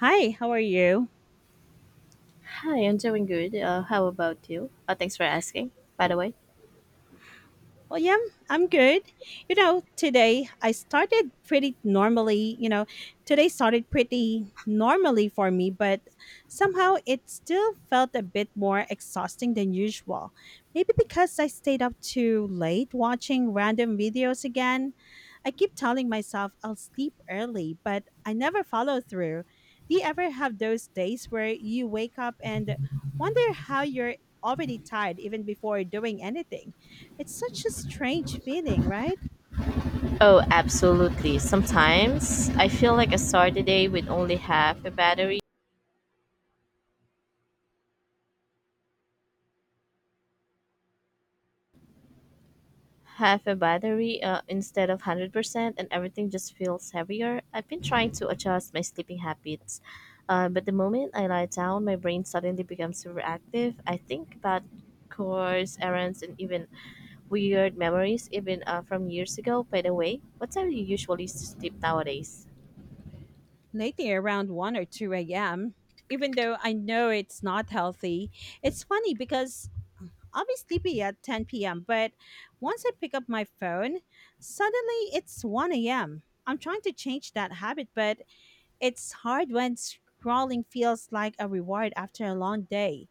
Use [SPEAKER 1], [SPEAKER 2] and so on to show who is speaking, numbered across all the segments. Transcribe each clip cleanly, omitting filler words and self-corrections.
[SPEAKER 1] Hi, how are you?
[SPEAKER 2] Hi, I'm doing good. How about you? Thanks for asking, by the way.
[SPEAKER 1] Well, yeah, I'm good. Today I started pretty normally. Today started pretty normally for me, but somehow it still felt a bit more exhausting than usual. Maybe because I stayed up too late watching random videos again. I keep telling myself I'll sleep early, but I never follow through. Do you ever have those days where you wake up and wonder how you're already tired even before doing anything? It's such a strange feeling, right?
[SPEAKER 2] Oh, absolutely. Sometimes I feel like I start the day with only half a battery, instead of 100%, and everything just feels heavier. I've been trying to adjust my sleeping habits, but the moment I lie down, my brain suddenly becomes super active. I think about chores, errands, and even weird memories, even from years ago. By the way, what time do you usually sleep nowadays?
[SPEAKER 1] Lately, around 1 or 2 a.m., even though I know it's not healthy. It's funny because I'll be sleepy at 10 p.m., but once I pick up my phone, suddenly it's 1 a.m. I'm trying to change that habit, but it's hard when scrolling feels like a reward after a long day.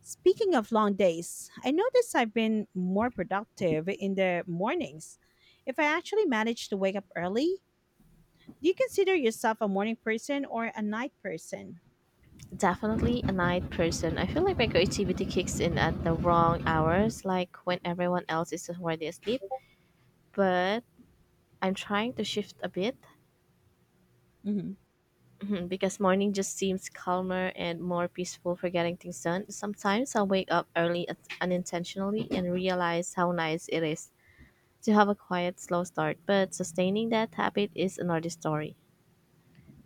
[SPEAKER 1] Speaking of long days, I notice I've been more productive in the mornings. If I actually manage to wake up early, do you consider yourself a morning person or a night person?
[SPEAKER 2] Definitely a night person. I feel like my creativity kicks in at the wrong hours, like when everyone else is already asleep. But I'm trying to shift a bit.
[SPEAKER 1] Mhm.
[SPEAKER 2] Mhm, because morning just seems calmer and more peaceful for getting things done. Sometimes I'll wake up early unintentionally and realize how nice it is to have a quiet, slow start. But sustaining that habit is another story.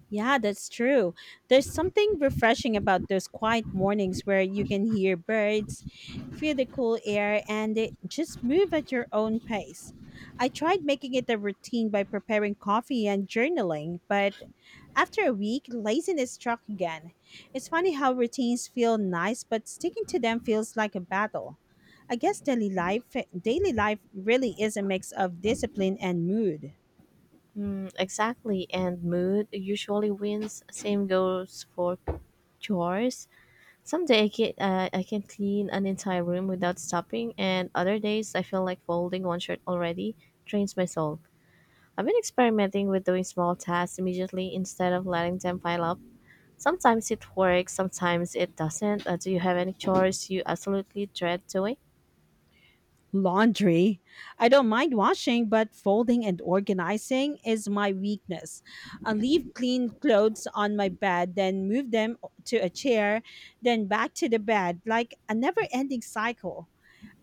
[SPEAKER 1] Yeah, that's true. There's something refreshing about those quiet mornings where you can hear birds, feel the cool air, and just move at your own pace. I tried making it a routine by preparing coffee and journaling, but after a week, laziness struck again. It's funny how routines feel nice, but sticking to them feels like a battle. I guess daily life really is a mix of discipline and mood.
[SPEAKER 2] Mm, exactly, and mood usually wins. Same goes for chores. Someday I can clean an entire room without stopping, and other days I feel like folding one shirt already drains my soul. I've been experimenting with doing small tasks immediately instead of letting them pile up. Sometimes it works, sometimes it doesn't. Do you have any chores you absolutely dread doing?
[SPEAKER 1] Laundry. I don't mind washing, but folding and organizing is my weakness. I leave clean clothes on my bed, then move them to a chair, then back to the bed, like a never ending cycle.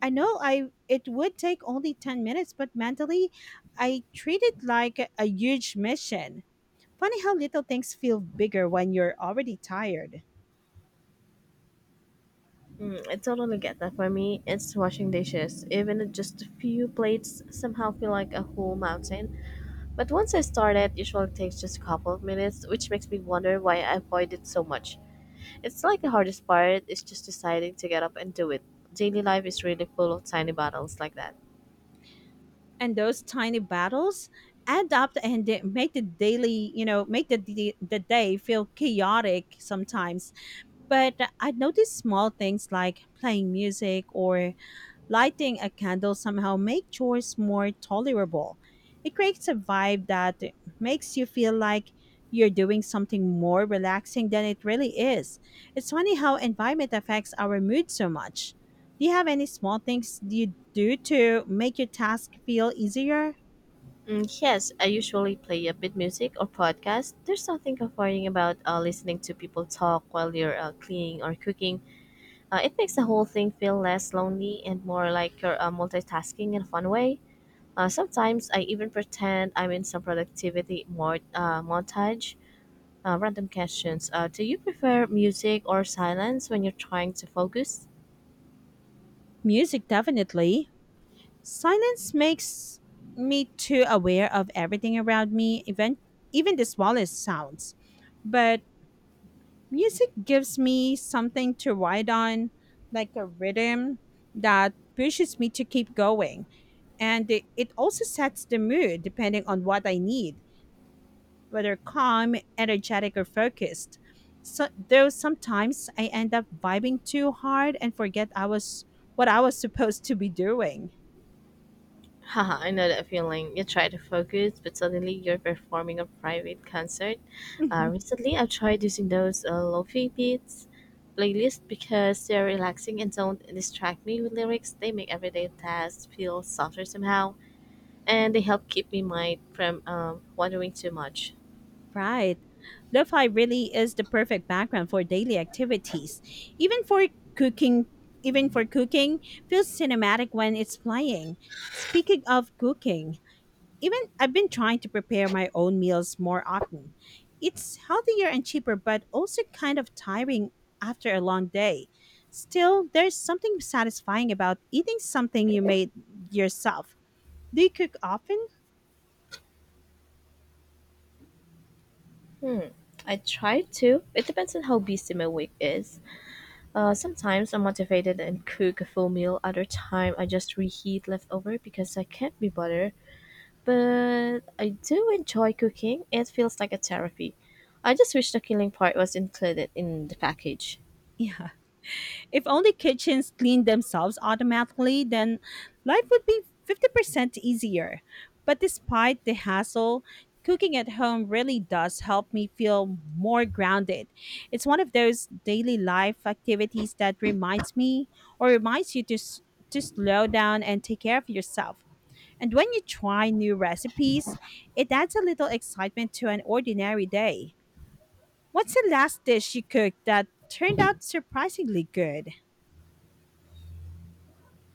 [SPEAKER 1] I know I it would take only 10 minutes, but mentally I treat it like a huge mission. Funny how little things feel bigger when you're already tired.
[SPEAKER 2] Mm, I totally get that. For me, it's washing dishes. Even if just a few plates somehow feel like a whole mountain. But once I start it, usually takes just a couple of minutes, which makes me wonder why I avoid it so much. It's like the hardest part is just deciding to get up and do it. Daily life is really full of tiny battles like that.
[SPEAKER 1] And those tiny battles add up and they make the daily, you know, make the day feel chaotic sometimes. But I notice small things like playing music or lighting a candle somehow make chores more tolerable. It creates a vibe that makes you feel like you're doing something more relaxing than it really is. It's funny how environment affects our mood so much. Do you have any small things you do to make your task feel easier?
[SPEAKER 2] Mm, yes, I usually play a bit music or podcast. There's something comforting about listening to people talk while you're cleaning or cooking. It makes the whole thing feel less lonely and more like you're multitasking in a fun way. Sometimes I even pretend I'm in some productivity montage. Random questions. Do you prefer music or silence when you're trying to focus?
[SPEAKER 1] Music, definitely. Silence makes me too aware of everything around me, even the smallest sounds. But music gives me something to ride on, like a rhythm that pushes me to keep going. And it also sets the mood depending on what I need, whether calm, energetic, or focused. So, though sometimes I end up vibing too hard and forget I was what I was supposed to be doing.
[SPEAKER 2] Haha, I know that feeling. You try to focus, but suddenly you're performing a private concert. Recently, I've tried using those lofi beats playlist because they're relaxing and don't distract me with lyrics. They make everyday tasks feel softer somehow, and they help keep me mind from wandering too much.
[SPEAKER 1] Right. Lo-fi really is the perfect background for daily activities. Even for cooking, even for cooking, feels cinematic when it's playing. Speaking of cooking, even I've been trying to prepare my own meals more often. It's healthier and cheaper, but also kind of tiring after a long day. Still, there's something satisfying about eating something you made yourself. Do you cook often?
[SPEAKER 2] I try to. It depends on how busy my week is. Sometimes I'm motivated and cook a full meal. Other time I just reheat leftover because I can't be bothered. But I do enjoy cooking. It feels like a therapy. I just wish the killing part was included in the package.
[SPEAKER 1] Yeah. If only kitchens cleaned themselves automatically, then life would be 50% easier. But despite the hassle, cooking at home really does help me feel more grounded. It's one of those daily life activities that reminds me or reminds you to to slow down and take care of yourself. And when you try new recipes, it adds a little excitement to an ordinary day. What's the last dish you cooked that turned out surprisingly good?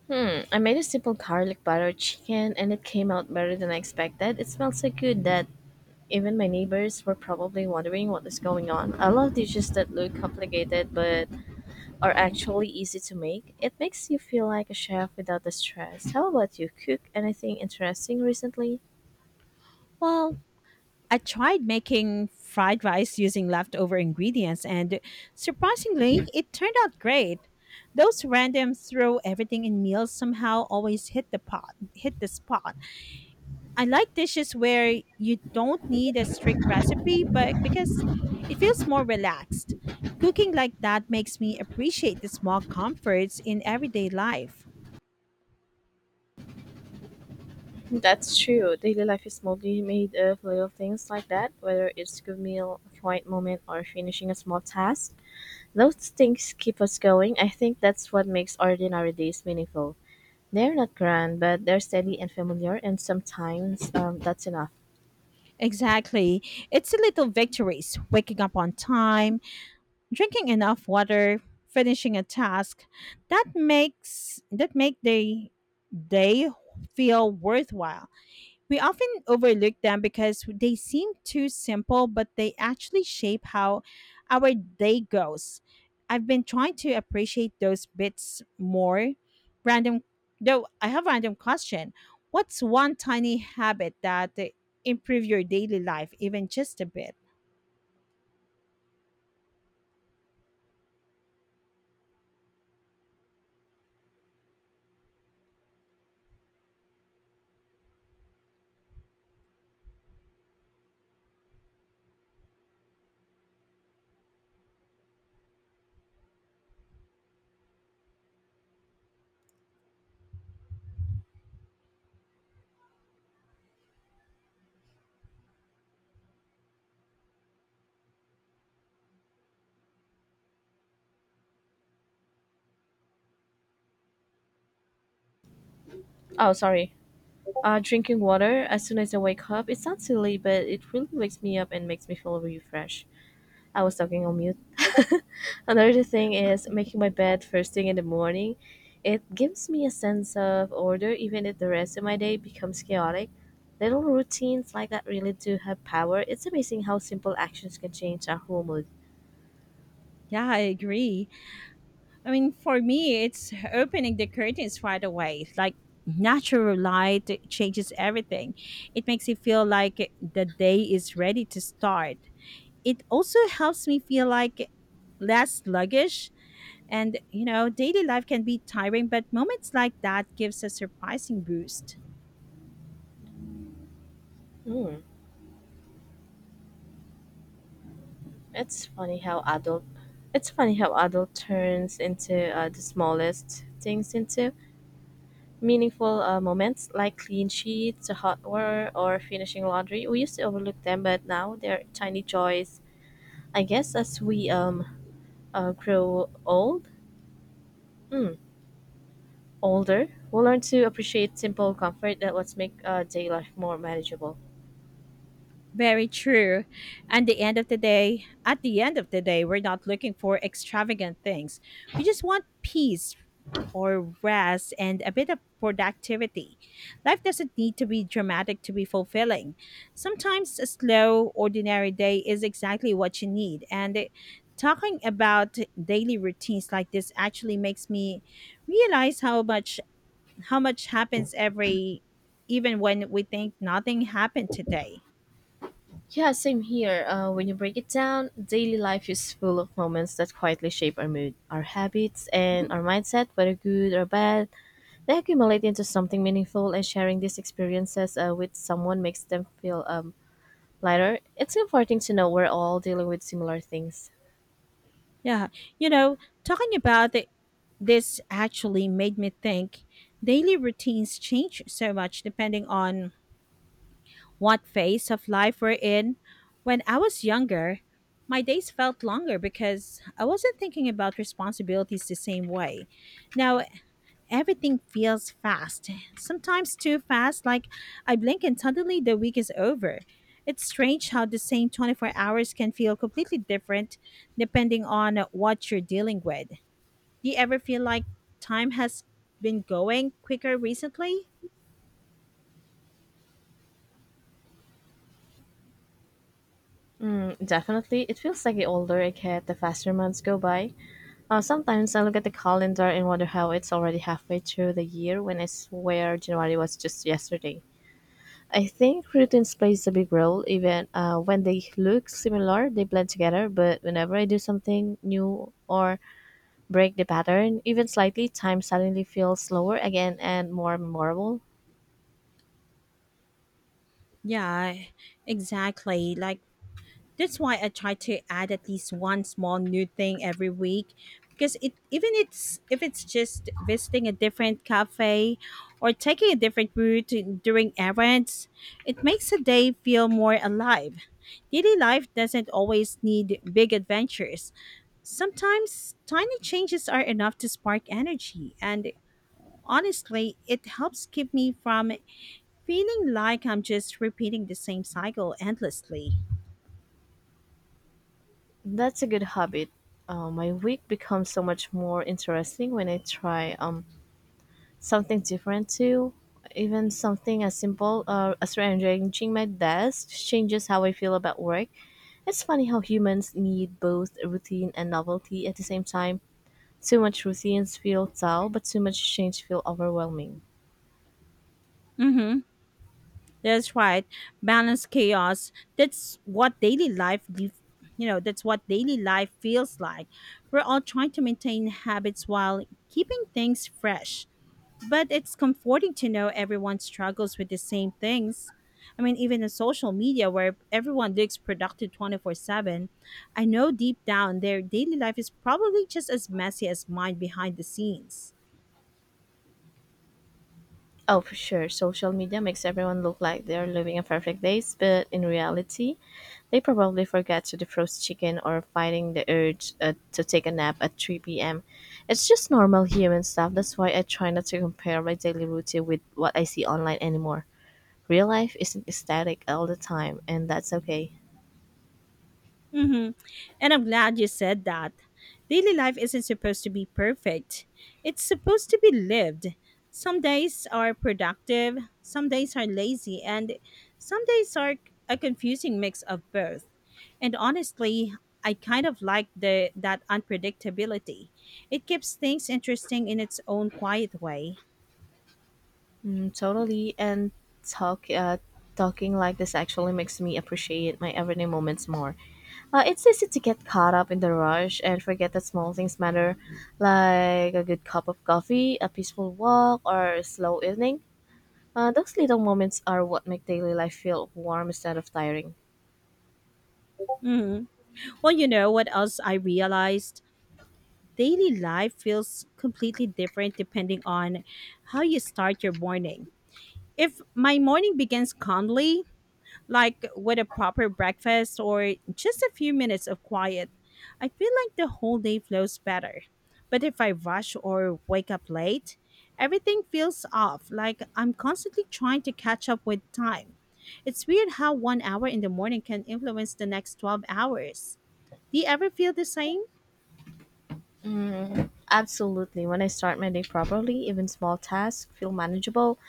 [SPEAKER 2] Hmm, I made a simple garlic butter chicken and it came out better than I expected. It smelled so good that even my neighbors were probably wondering what is going on. I love dishes that look complicated but are actually easy to make. It makes you feel like a chef without the stress. How about you? Cook anything interesting recently?
[SPEAKER 1] Well, I tried making fried rice using leftover ingredients, and surprisingly, it turned out great. Those random throw everything in meals somehow always hit the spot. I like dishes where you don't need a strict recipe, but because it feels more relaxed. Cooking like that makes me appreciate the small comforts in everyday life.
[SPEAKER 2] That's true. Daily life is mostly made of little things like that, whether it's a good meal, a quiet moment, or finishing a small task. Those things keep us going. I think that's what makes ordinary days meaningful. They're not grand, but they're steady and familiar, and sometimes that's enough.
[SPEAKER 1] Exactly. It's the little victories, waking up on time, drinking enough water, finishing a task that make the day feel worthwhile. We often overlook them because they seem too simple, but they actually shape how our day goes. I've been trying to appreciate those bits more. Random though I have a random question. What's one tiny habit that improve your daily life, even just a bit.
[SPEAKER 2] Oh, sorry. Drinking water as soon as I wake up. It sounds silly, but it really wakes me up and makes me feel refreshed. I was talking on mute. Another thing is making my bed first thing in the morning. It gives me a sense of order even if the rest of my day becomes chaotic. Little routines like that really do have power. It's amazing how simple actions can change our whole mood.
[SPEAKER 1] Yeah, I agree. I mean, for me, it's opening the curtains right away. Like natural light changes everything. It makes you feel like the day is ready to start. It also helps me feel like less sluggish, and you know daily life can be tiring but moments like that gives a surprising boost.
[SPEAKER 2] Hmm. It's funny how adult it's funny how adult turns into the smallest things into meaningful moments like clean sheets, a hot water, or finishing laundry. We used to overlook them, but now they're tiny joys. I guess as we uh, grow old, mm, older, we'll learn to appreciate simple comfort that lets make daily life more manageable.
[SPEAKER 1] Very true. And the end of the day, At the end of the day, we're not looking for extravagant things. We just want peace or rest and a bit of productivity. Life doesn't need to be dramatic to be fulfilling. Sometimes a slow, ordinary day is exactly what you need. And talking about daily routines like this actually makes me realize how much happens every even when we think nothing happened today.
[SPEAKER 2] Yeah, same here. When you break it down, daily life is full of moments that quietly shape our mood, our habits, and our mindset, whether good or bad. They accumulate into something meaningful, and sharing these experiences with someone makes them feel lighter. It's comforting to know we're all dealing with similar things.
[SPEAKER 1] Yeah, you know, talking about it, this actually made me think daily routines change so much depending on what phase of life we're in. When I was younger, my days felt longer because I wasn't thinking about responsibilities the same way. Now everything feels fast, sometimes too fast, like I blink and suddenly the week is over. It's strange how the same 24 hours can feel completely different depending on what you're dealing with. Do you ever feel like time has been going quicker recently?
[SPEAKER 2] Mm, definitely. It feels like the older I get, the faster months go by. Sometimes I look at the calendar and wonder how it's already halfway through the year when I swear January was just yesterday. I think routines plays a big role. Even when they look similar, they blend together. But whenever I do something new or break the pattern, even slightly, time suddenly feels slower again and more memorable.
[SPEAKER 1] Yeah, exactly. That's why I try to add at least one small new thing every week because it even it's if it's just visiting a different cafe or taking a different route during errands, it makes a day feel more alive. Daily life doesn't always need big adventures. Sometimes tiny changes are enough to spark energy and honestly, it helps keep me from feeling like I'm just repeating the same cycle endlessly.
[SPEAKER 2] That's a good habit. My week becomes so much more interesting when I try something different too. Even something as simple as rearranging my desk changes how I feel about work. It's funny how humans need both routine and novelty at the same time. Too much routines feel dull, but too much change feel overwhelming.
[SPEAKER 1] Mm hmm. That's right. Balance chaos. That's what daily life feels like. We're all trying to maintain habits while keeping things fresh. But it's comforting to know everyone struggles with the same things. I mean, even in social media where everyone looks productive 24/7, I know deep down their daily life is probably just as messy as mine behind the scenes.
[SPEAKER 2] Oh, for sure. Social media makes everyone look like they're living a perfect day, but in reality, they probably forget to defrost chicken or fighting the urge to take a nap at 3 p.m. It's just normal human stuff. That's why I try not to compare my daily routine with what I see online anymore. Real life isn't static all the time, and that's okay.
[SPEAKER 1] Mm-hmm. And I'm glad you said that. Daily life isn't supposed to be perfect, it's supposed to be lived. Some days are productive, some days are lazy, and some days are a confusing mix of both. And honestly, I kind of like the that unpredictability. It keeps things interesting in its own quiet way.
[SPEAKER 2] Mm, totally. And talk, uh, talking like this actually makes me appreciate my everyday moments more. It's easy to get caught up in the rush and forget that small things matter, like a good cup of coffee, a peaceful walk, or a slow evening. Those little moments are what make daily life feel warm instead of tiring.
[SPEAKER 1] Hmm. Well, you know what else I realized? Daily life feels completely different depending on how you start your morning. If my morning begins calmly, like with a proper breakfast or just a few minutes of quiet, I feel like the whole day flows better. But if I rush or wake up late, everything feels off, like I'm constantly trying to catch up with time. It's weird how one hour in the morning can influence the next 12 hours. Do you ever feel the same?
[SPEAKER 2] Absolutely, when I start my day properly, even small tasks feel manageable.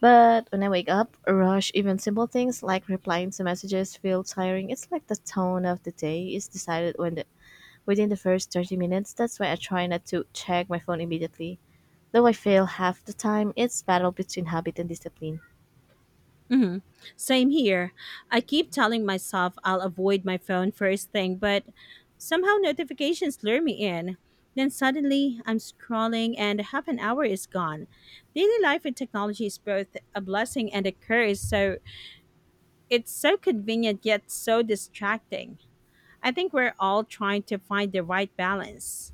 [SPEAKER 2] But when I wake up, rush, even simple things like replying to messages feel tiring. It's like the tone of the day is decided when the within the first 30 minutes. That's why I try not to check my phone immediately. Though I fail half the time, it's battle between habit and discipline.
[SPEAKER 1] Hmm. Same here. I keep telling myself I'll avoid my phone first thing, but somehow notifications lure me in. Then suddenly I'm scrolling and half an hour is gone. Daily life with technology is both a blessing and a curse, so it's so convenient yet so distracting. I think we're all trying to find the right balance.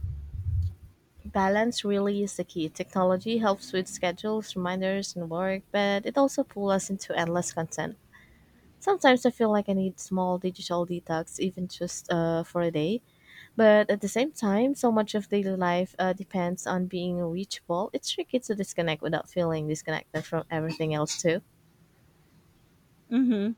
[SPEAKER 2] Balance really is the key. Technology helps with schedules, reminders, and work, but it also pulls us into endless content. Sometimes I feel like I need small digital detox, even just for a day. But at the same time, so much of daily life depends on being reachable. It's tricky to disconnect without feeling disconnected from everything else, too.
[SPEAKER 1] Hmm.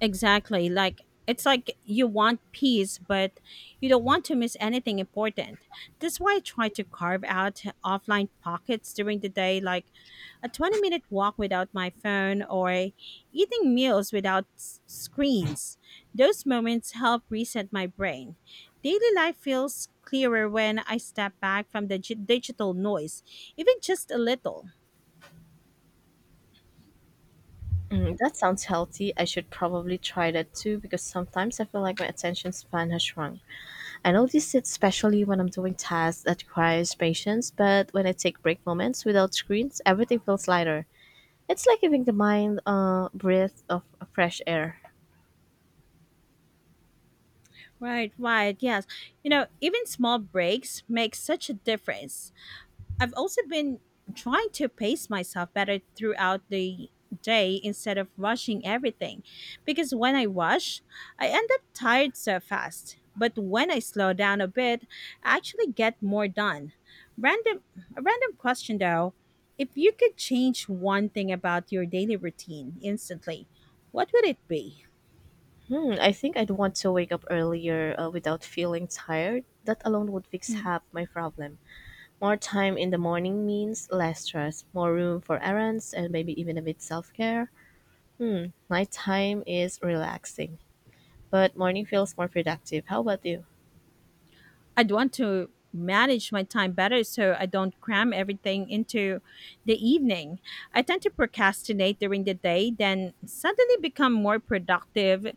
[SPEAKER 1] Exactly. It's like you want peace, but you don't want to miss anything important. That's why I try to carve out offline pockets during the day, like a 20-minute walk without my phone or eating meals without screens. Those moments help reset my brain. Daily life feels clearer when I step back from the digital noise, even just a little.
[SPEAKER 2] Mm, that sounds healthy. I should probably try that too because sometimes I feel like my attention span has shrunk. I notice it especially when I'm doing tasks that requires patience, but when I take break moments without screens, everything feels lighter. It's like giving the mind a breath of fresh air.
[SPEAKER 1] Right, right. Yes. You know, even small breaks make such a difference. I've also been trying to pace myself better throughout the day instead of rushing everything. Because when I rush, I end up tired so fast. But when I slow down a bit, I actually get more done. Random A random question though. If you could change one thing about your daily routine instantly, what would it be?
[SPEAKER 2] Hmm, I think I'd want to wake up earlier without feeling tired. That alone would fix
[SPEAKER 1] Hmm.
[SPEAKER 2] half my problem. More time in the morning means less stress, more room for errands, and maybe even a bit self care. Nighttime is relaxing, but morning feels more productive. How about you?
[SPEAKER 1] I'd want to manage my time better so I don't cram everything into the evening. I tend to procrastinate during the day, then suddenly become more productive,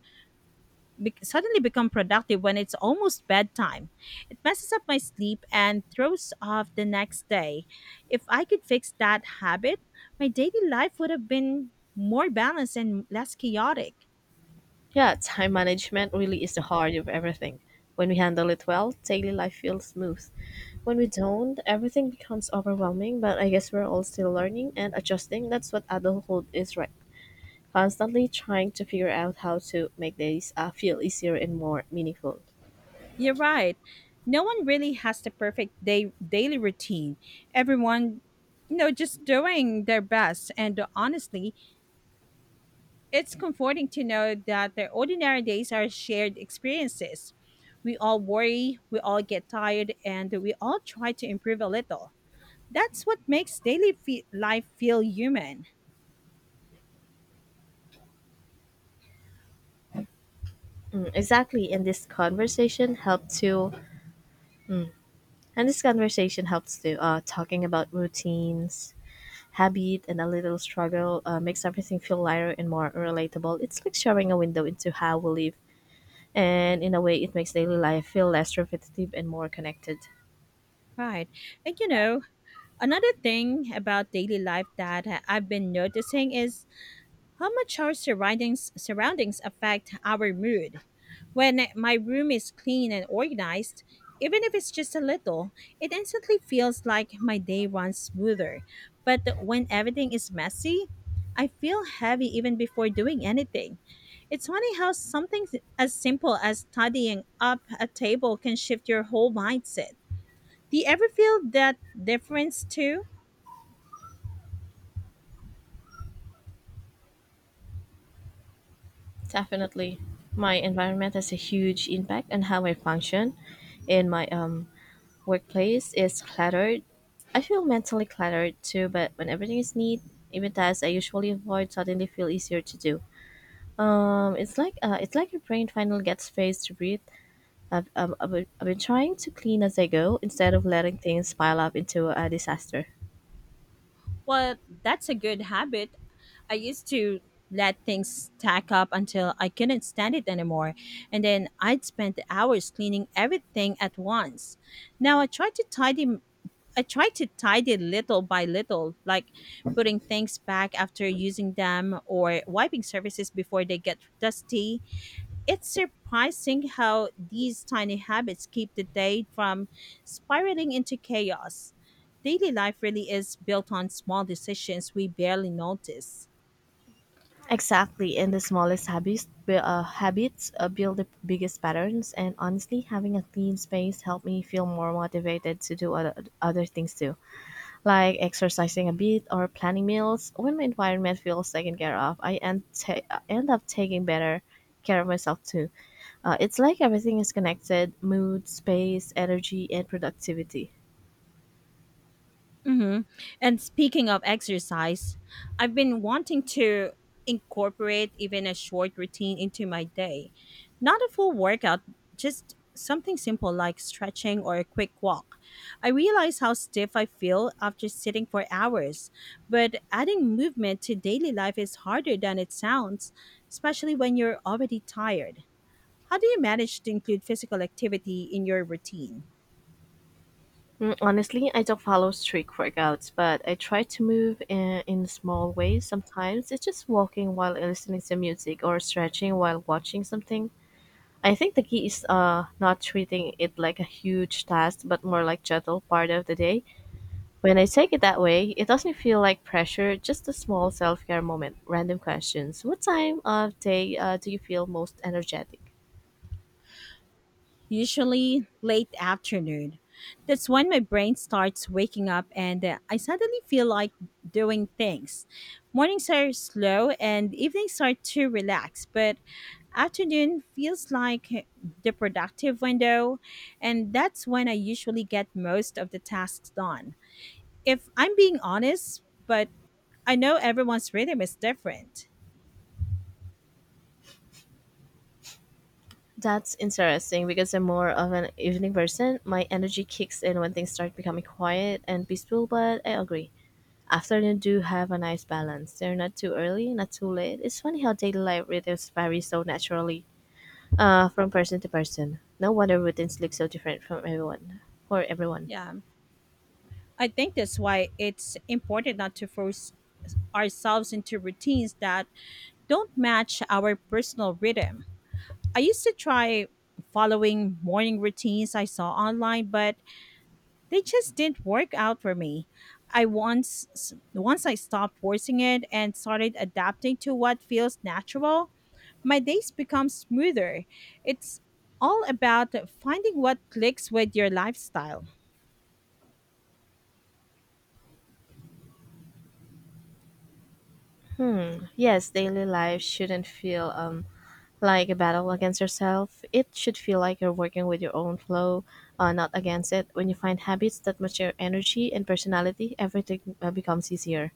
[SPEAKER 1] be- suddenly become productive when it's almost bedtime. It messes up my sleep and throws off the next day. If I could fix that habit, my daily life would have been more balanced and less chaotic.
[SPEAKER 2] Yeah, time management really is the heart of everything. When we handle it well, daily life feels smooth. When we don't, everything becomes overwhelming, but I guess we're all still learning and adjusting. That's what adulthood is, right? Constantly trying to figure out how to make days feel easier and more meaningful.
[SPEAKER 1] You're right. No one really has the perfect day daily routine. Everyone, you know, just doing their best. And honestly, it's comforting to know that their ordinary days are shared experiences. We all worry, we all get tired, and we all try to improve a little. That's what makes life feel human.
[SPEAKER 2] Mm, exactly, and this conversation helps to talking about routines, habit and a little struggle makes everything feel lighter and more relatable. It's like sharing a window into how we live, and in a way, it makes daily life feel less repetitive and more connected.
[SPEAKER 1] Right. And you know, another thing about daily life that I've been noticing is how much our surroundings affect our mood. When my room is clean and organized, even if it's just a little, it instantly feels like my day runs smoother. But when everything is messy, I feel heavy even before doing anything. It's funny how something as simple as tidying up a table can shift your whole mindset. Do you ever feel that difference too?
[SPEAKER 2] Definitely, my environment has a huge impact on how I function. In my workplace is cluttered. I feel mentally cluttered too, but when everything is neat, even tasks I usually avoid suddenly feel easier to do. It's like it's like your brain finally gets space to breathe. I've been trying to clean as I go instead of letting things pile up into a disaster.
[SPEAKER 1] Well, that's a good habit. I used to let things stack up until I couldn't stand it anymore, and then I'd spend hours cleaning everything at once. Now I try to tidy little by little, like putting things back after using them or wiping surfaces before they get dusty. It's surprising how these tiny habits keep the day from spiraling into chaos. Daily life really is built on small decisions we barely notice.
[SPEAKER 2] Exactly, and the smallest habits build the biggest patterns. And honestly, having a clean space helped me feel more motivated to do other things too, like exercising a bit or planning meals. When my environment feels taken care of, I end up taking better care of myself too. It's like everything is connected: mood, space, energy, and productivity.
[SPEAKER 1] Hmm. And speaking of exercise, I've been wanting to incorporate even a short routine into my day. Not a full workout, just something simple like stretching or a quick walk. I realize how stiff I feel after sitting for hours, but adding movement to daily life is harder than it sounds, especially when you're already tired. How do you manage to include physical activity in your routine?
[SPEAKER 2] Mm, honestly, I don't follow strict workouts, but I try to in small ways. Sometimes it's just walking while listening to music or stretching while watching something. I think the key is not treating it like a huge task, but more like gentle part of the day. When I take it that way, it doesn't feel like pressure, just a small self care moment. Random questions. What time of day do you feel most energetic?
[SPEAKER 1] Usually late afternoon. That's when my brain starts waking up and I suddenly feel like doing things. Mornings are slow and evenings are too relaxed, but afternoon feels like the productive window, and that's when I usually get most of the tasks done, if I'm being honest. But I know everyone's rhythm is different.
[SPEAKER 2] That's interesting because I'm more of an evening person. My energy kicks in when things start becoming quiet and peaceful, but I agree. Afternoon do have a nice balance. They're not too early, not too late. It's funny how daily life rhythms vary so naturally from person to person. No wonder routines look so different from everyone. For everyone,
[SPEAKER 1] Yeah. I think that's why it's important not to force ourselves into routines that don't match our personal rhythm. I used to try following morning routines I saw online, but they just didn't work out for me. I once once I stopped forcing it and started adapting to what feels natural, my days become smoother. It's all about finding what clicks with your lifestyle.
[SPEAKER 2] yes, daily life shouldn't feel like a battle against yourself. It should feel like you're working with your own flow, not against it. When you find habits that match your energy and personality, everything becomes easier.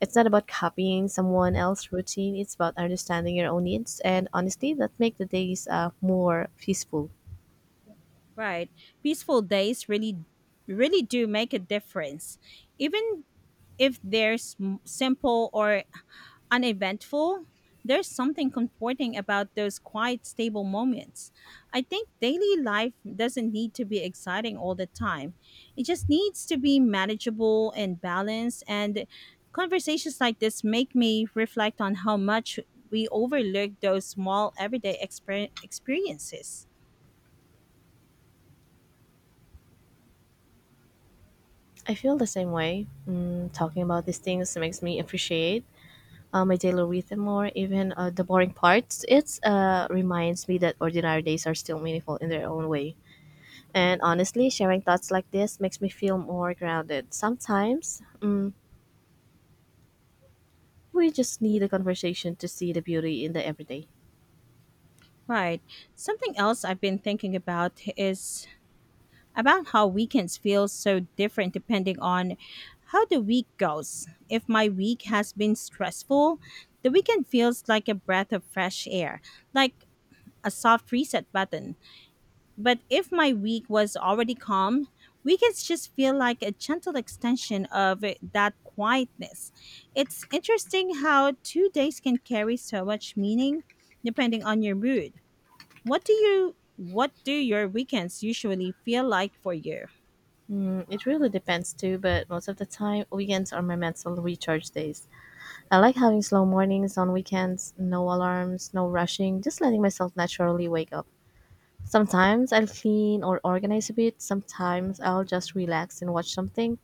[SPEAKER 2] It's not about copying someone else's routine, it's about understanding your own needs and honestly, that make the days more peaceful.
[SPEAKER 1] Right. Peaceful days really do make a difference. Even if they're simple or uneventful, there's something comforting about those quiet, stable moments. I think daily life doesn't need to be exciting all the time. It just needs to be manageable and balanced. And conversations like this make me reflect on how much we overlook those small, everyday experiences.
[SPEAKER 2] I feel the same way. Mm, talking about these things makes me appreciate my daily rhythm more, even the boring parts. It reminds me that ordinary days are still meaningful in their own way. And honestly, sharing thoughts like this makes me feel more grounded. Sometimes, mm, we just need a conversation to see the beauty in the everyday.
[SPEAKER 1] Right. Something else I've been thinking about is about how weekends feel so different depending on how the week goes. If my week has been stressful, the weekend feels like a breath of fresh air, like a soft reset button. But if my week was already calm, weekends just feel like a gentle extension of that quietness. It's interesting how 2 days can carry so much meaning depending on your mood. What do your weekends usually feel like for you?
[SPEAKER 2] Mm, it really depends too, but most of the time, weekends are my mental recharge days. I like having slow mornings on weekends, no alarms, no rushing, just letting myself naturally wake up. Sometimes I'll clean or organize a bit, sometimes I'll just relax and watch something.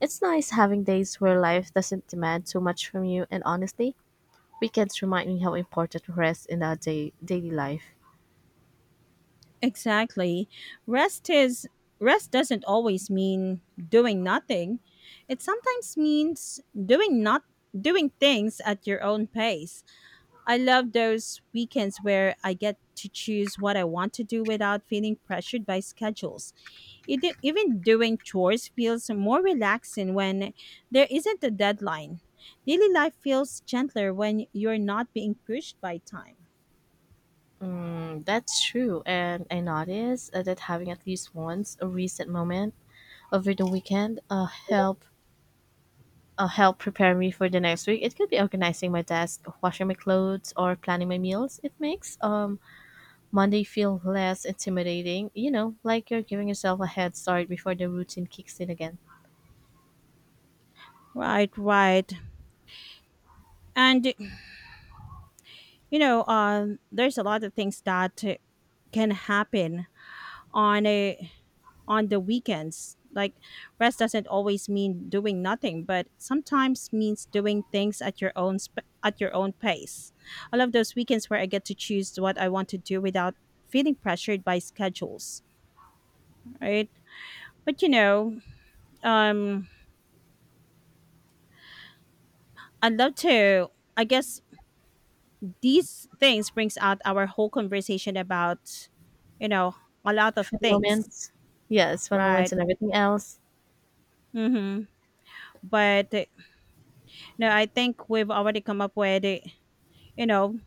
[SPEAKER 2] It's nice having days where life doesn't demand too much from you, and honestly, weekends remind me how important rest in our day, daily life.
[SPEAKER 1] Exactly. Rest is Rest doesn't always mean doing nothing. It sometimes means doing not doing things at your own pace. I love those weekends where I get to choose what I want to do without feeling pressured by schedules. It, even doing chores feels more relaxing when there isn't a deadline. Daily life feels gentler when you're not being pushed by time.
[SPEAKER 2] Mm, that's true, and I noticed that having at least once a reset moment over the weekend uh, help prepare me for the next week. It could be organizing my desk, washing my clothes, or planning my meals. It makes Monday feel less intimidating. You know, like you're giving yourself a head start before the routine kicks in again.
[SPEAKER 1] Right, right. And you know, there's a lot of things that can happen on a on the weekends, like rest doesn't always mean doing nothing but sometimes means doing things at your at your own pace. I love those weekends where I get to choose what I want to do without feeling pressured by schedules. Right. But you know, um I'd love to, I guess these things brings out our whole conversation about, you know, a lot of
[SPEAKER 2] Fun
[SPEAKER 1] things,
[SPEAKER 2] moments, yes, fun moments,
[SPEAKER 1] right?
[SPEAKER 2] and everything else.
[SPEAKER 1] Mhm. But, no, I think we've already come up with, you know,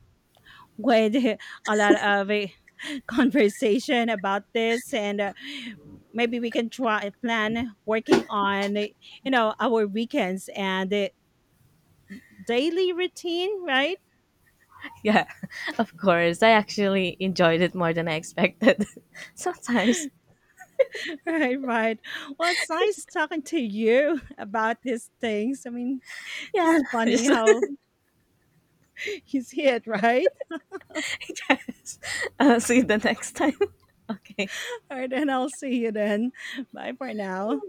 [SPEAKER 1] with a lot of conversation about this, and maybe we can try plan working on, you know, our weekends and daily routine, right?
[SPEAKER 2] Yeah, of course. I actually enjoyed it more than I expected. Sometimes.
[SPEAKER 1] Right, right. Well, it's nice talking to you about these things. I mean,
[SPEAKER 2] Yeah.
[SPEAKER 1] just funny
[SPEAKER 2] Just,
[SPEAKER 1] how he's hit, right?
[SPEAKER 2] yes. I'll see you the next time. Okay.
[SPEAKER 1] All right, and I'll see you then. Bye for now.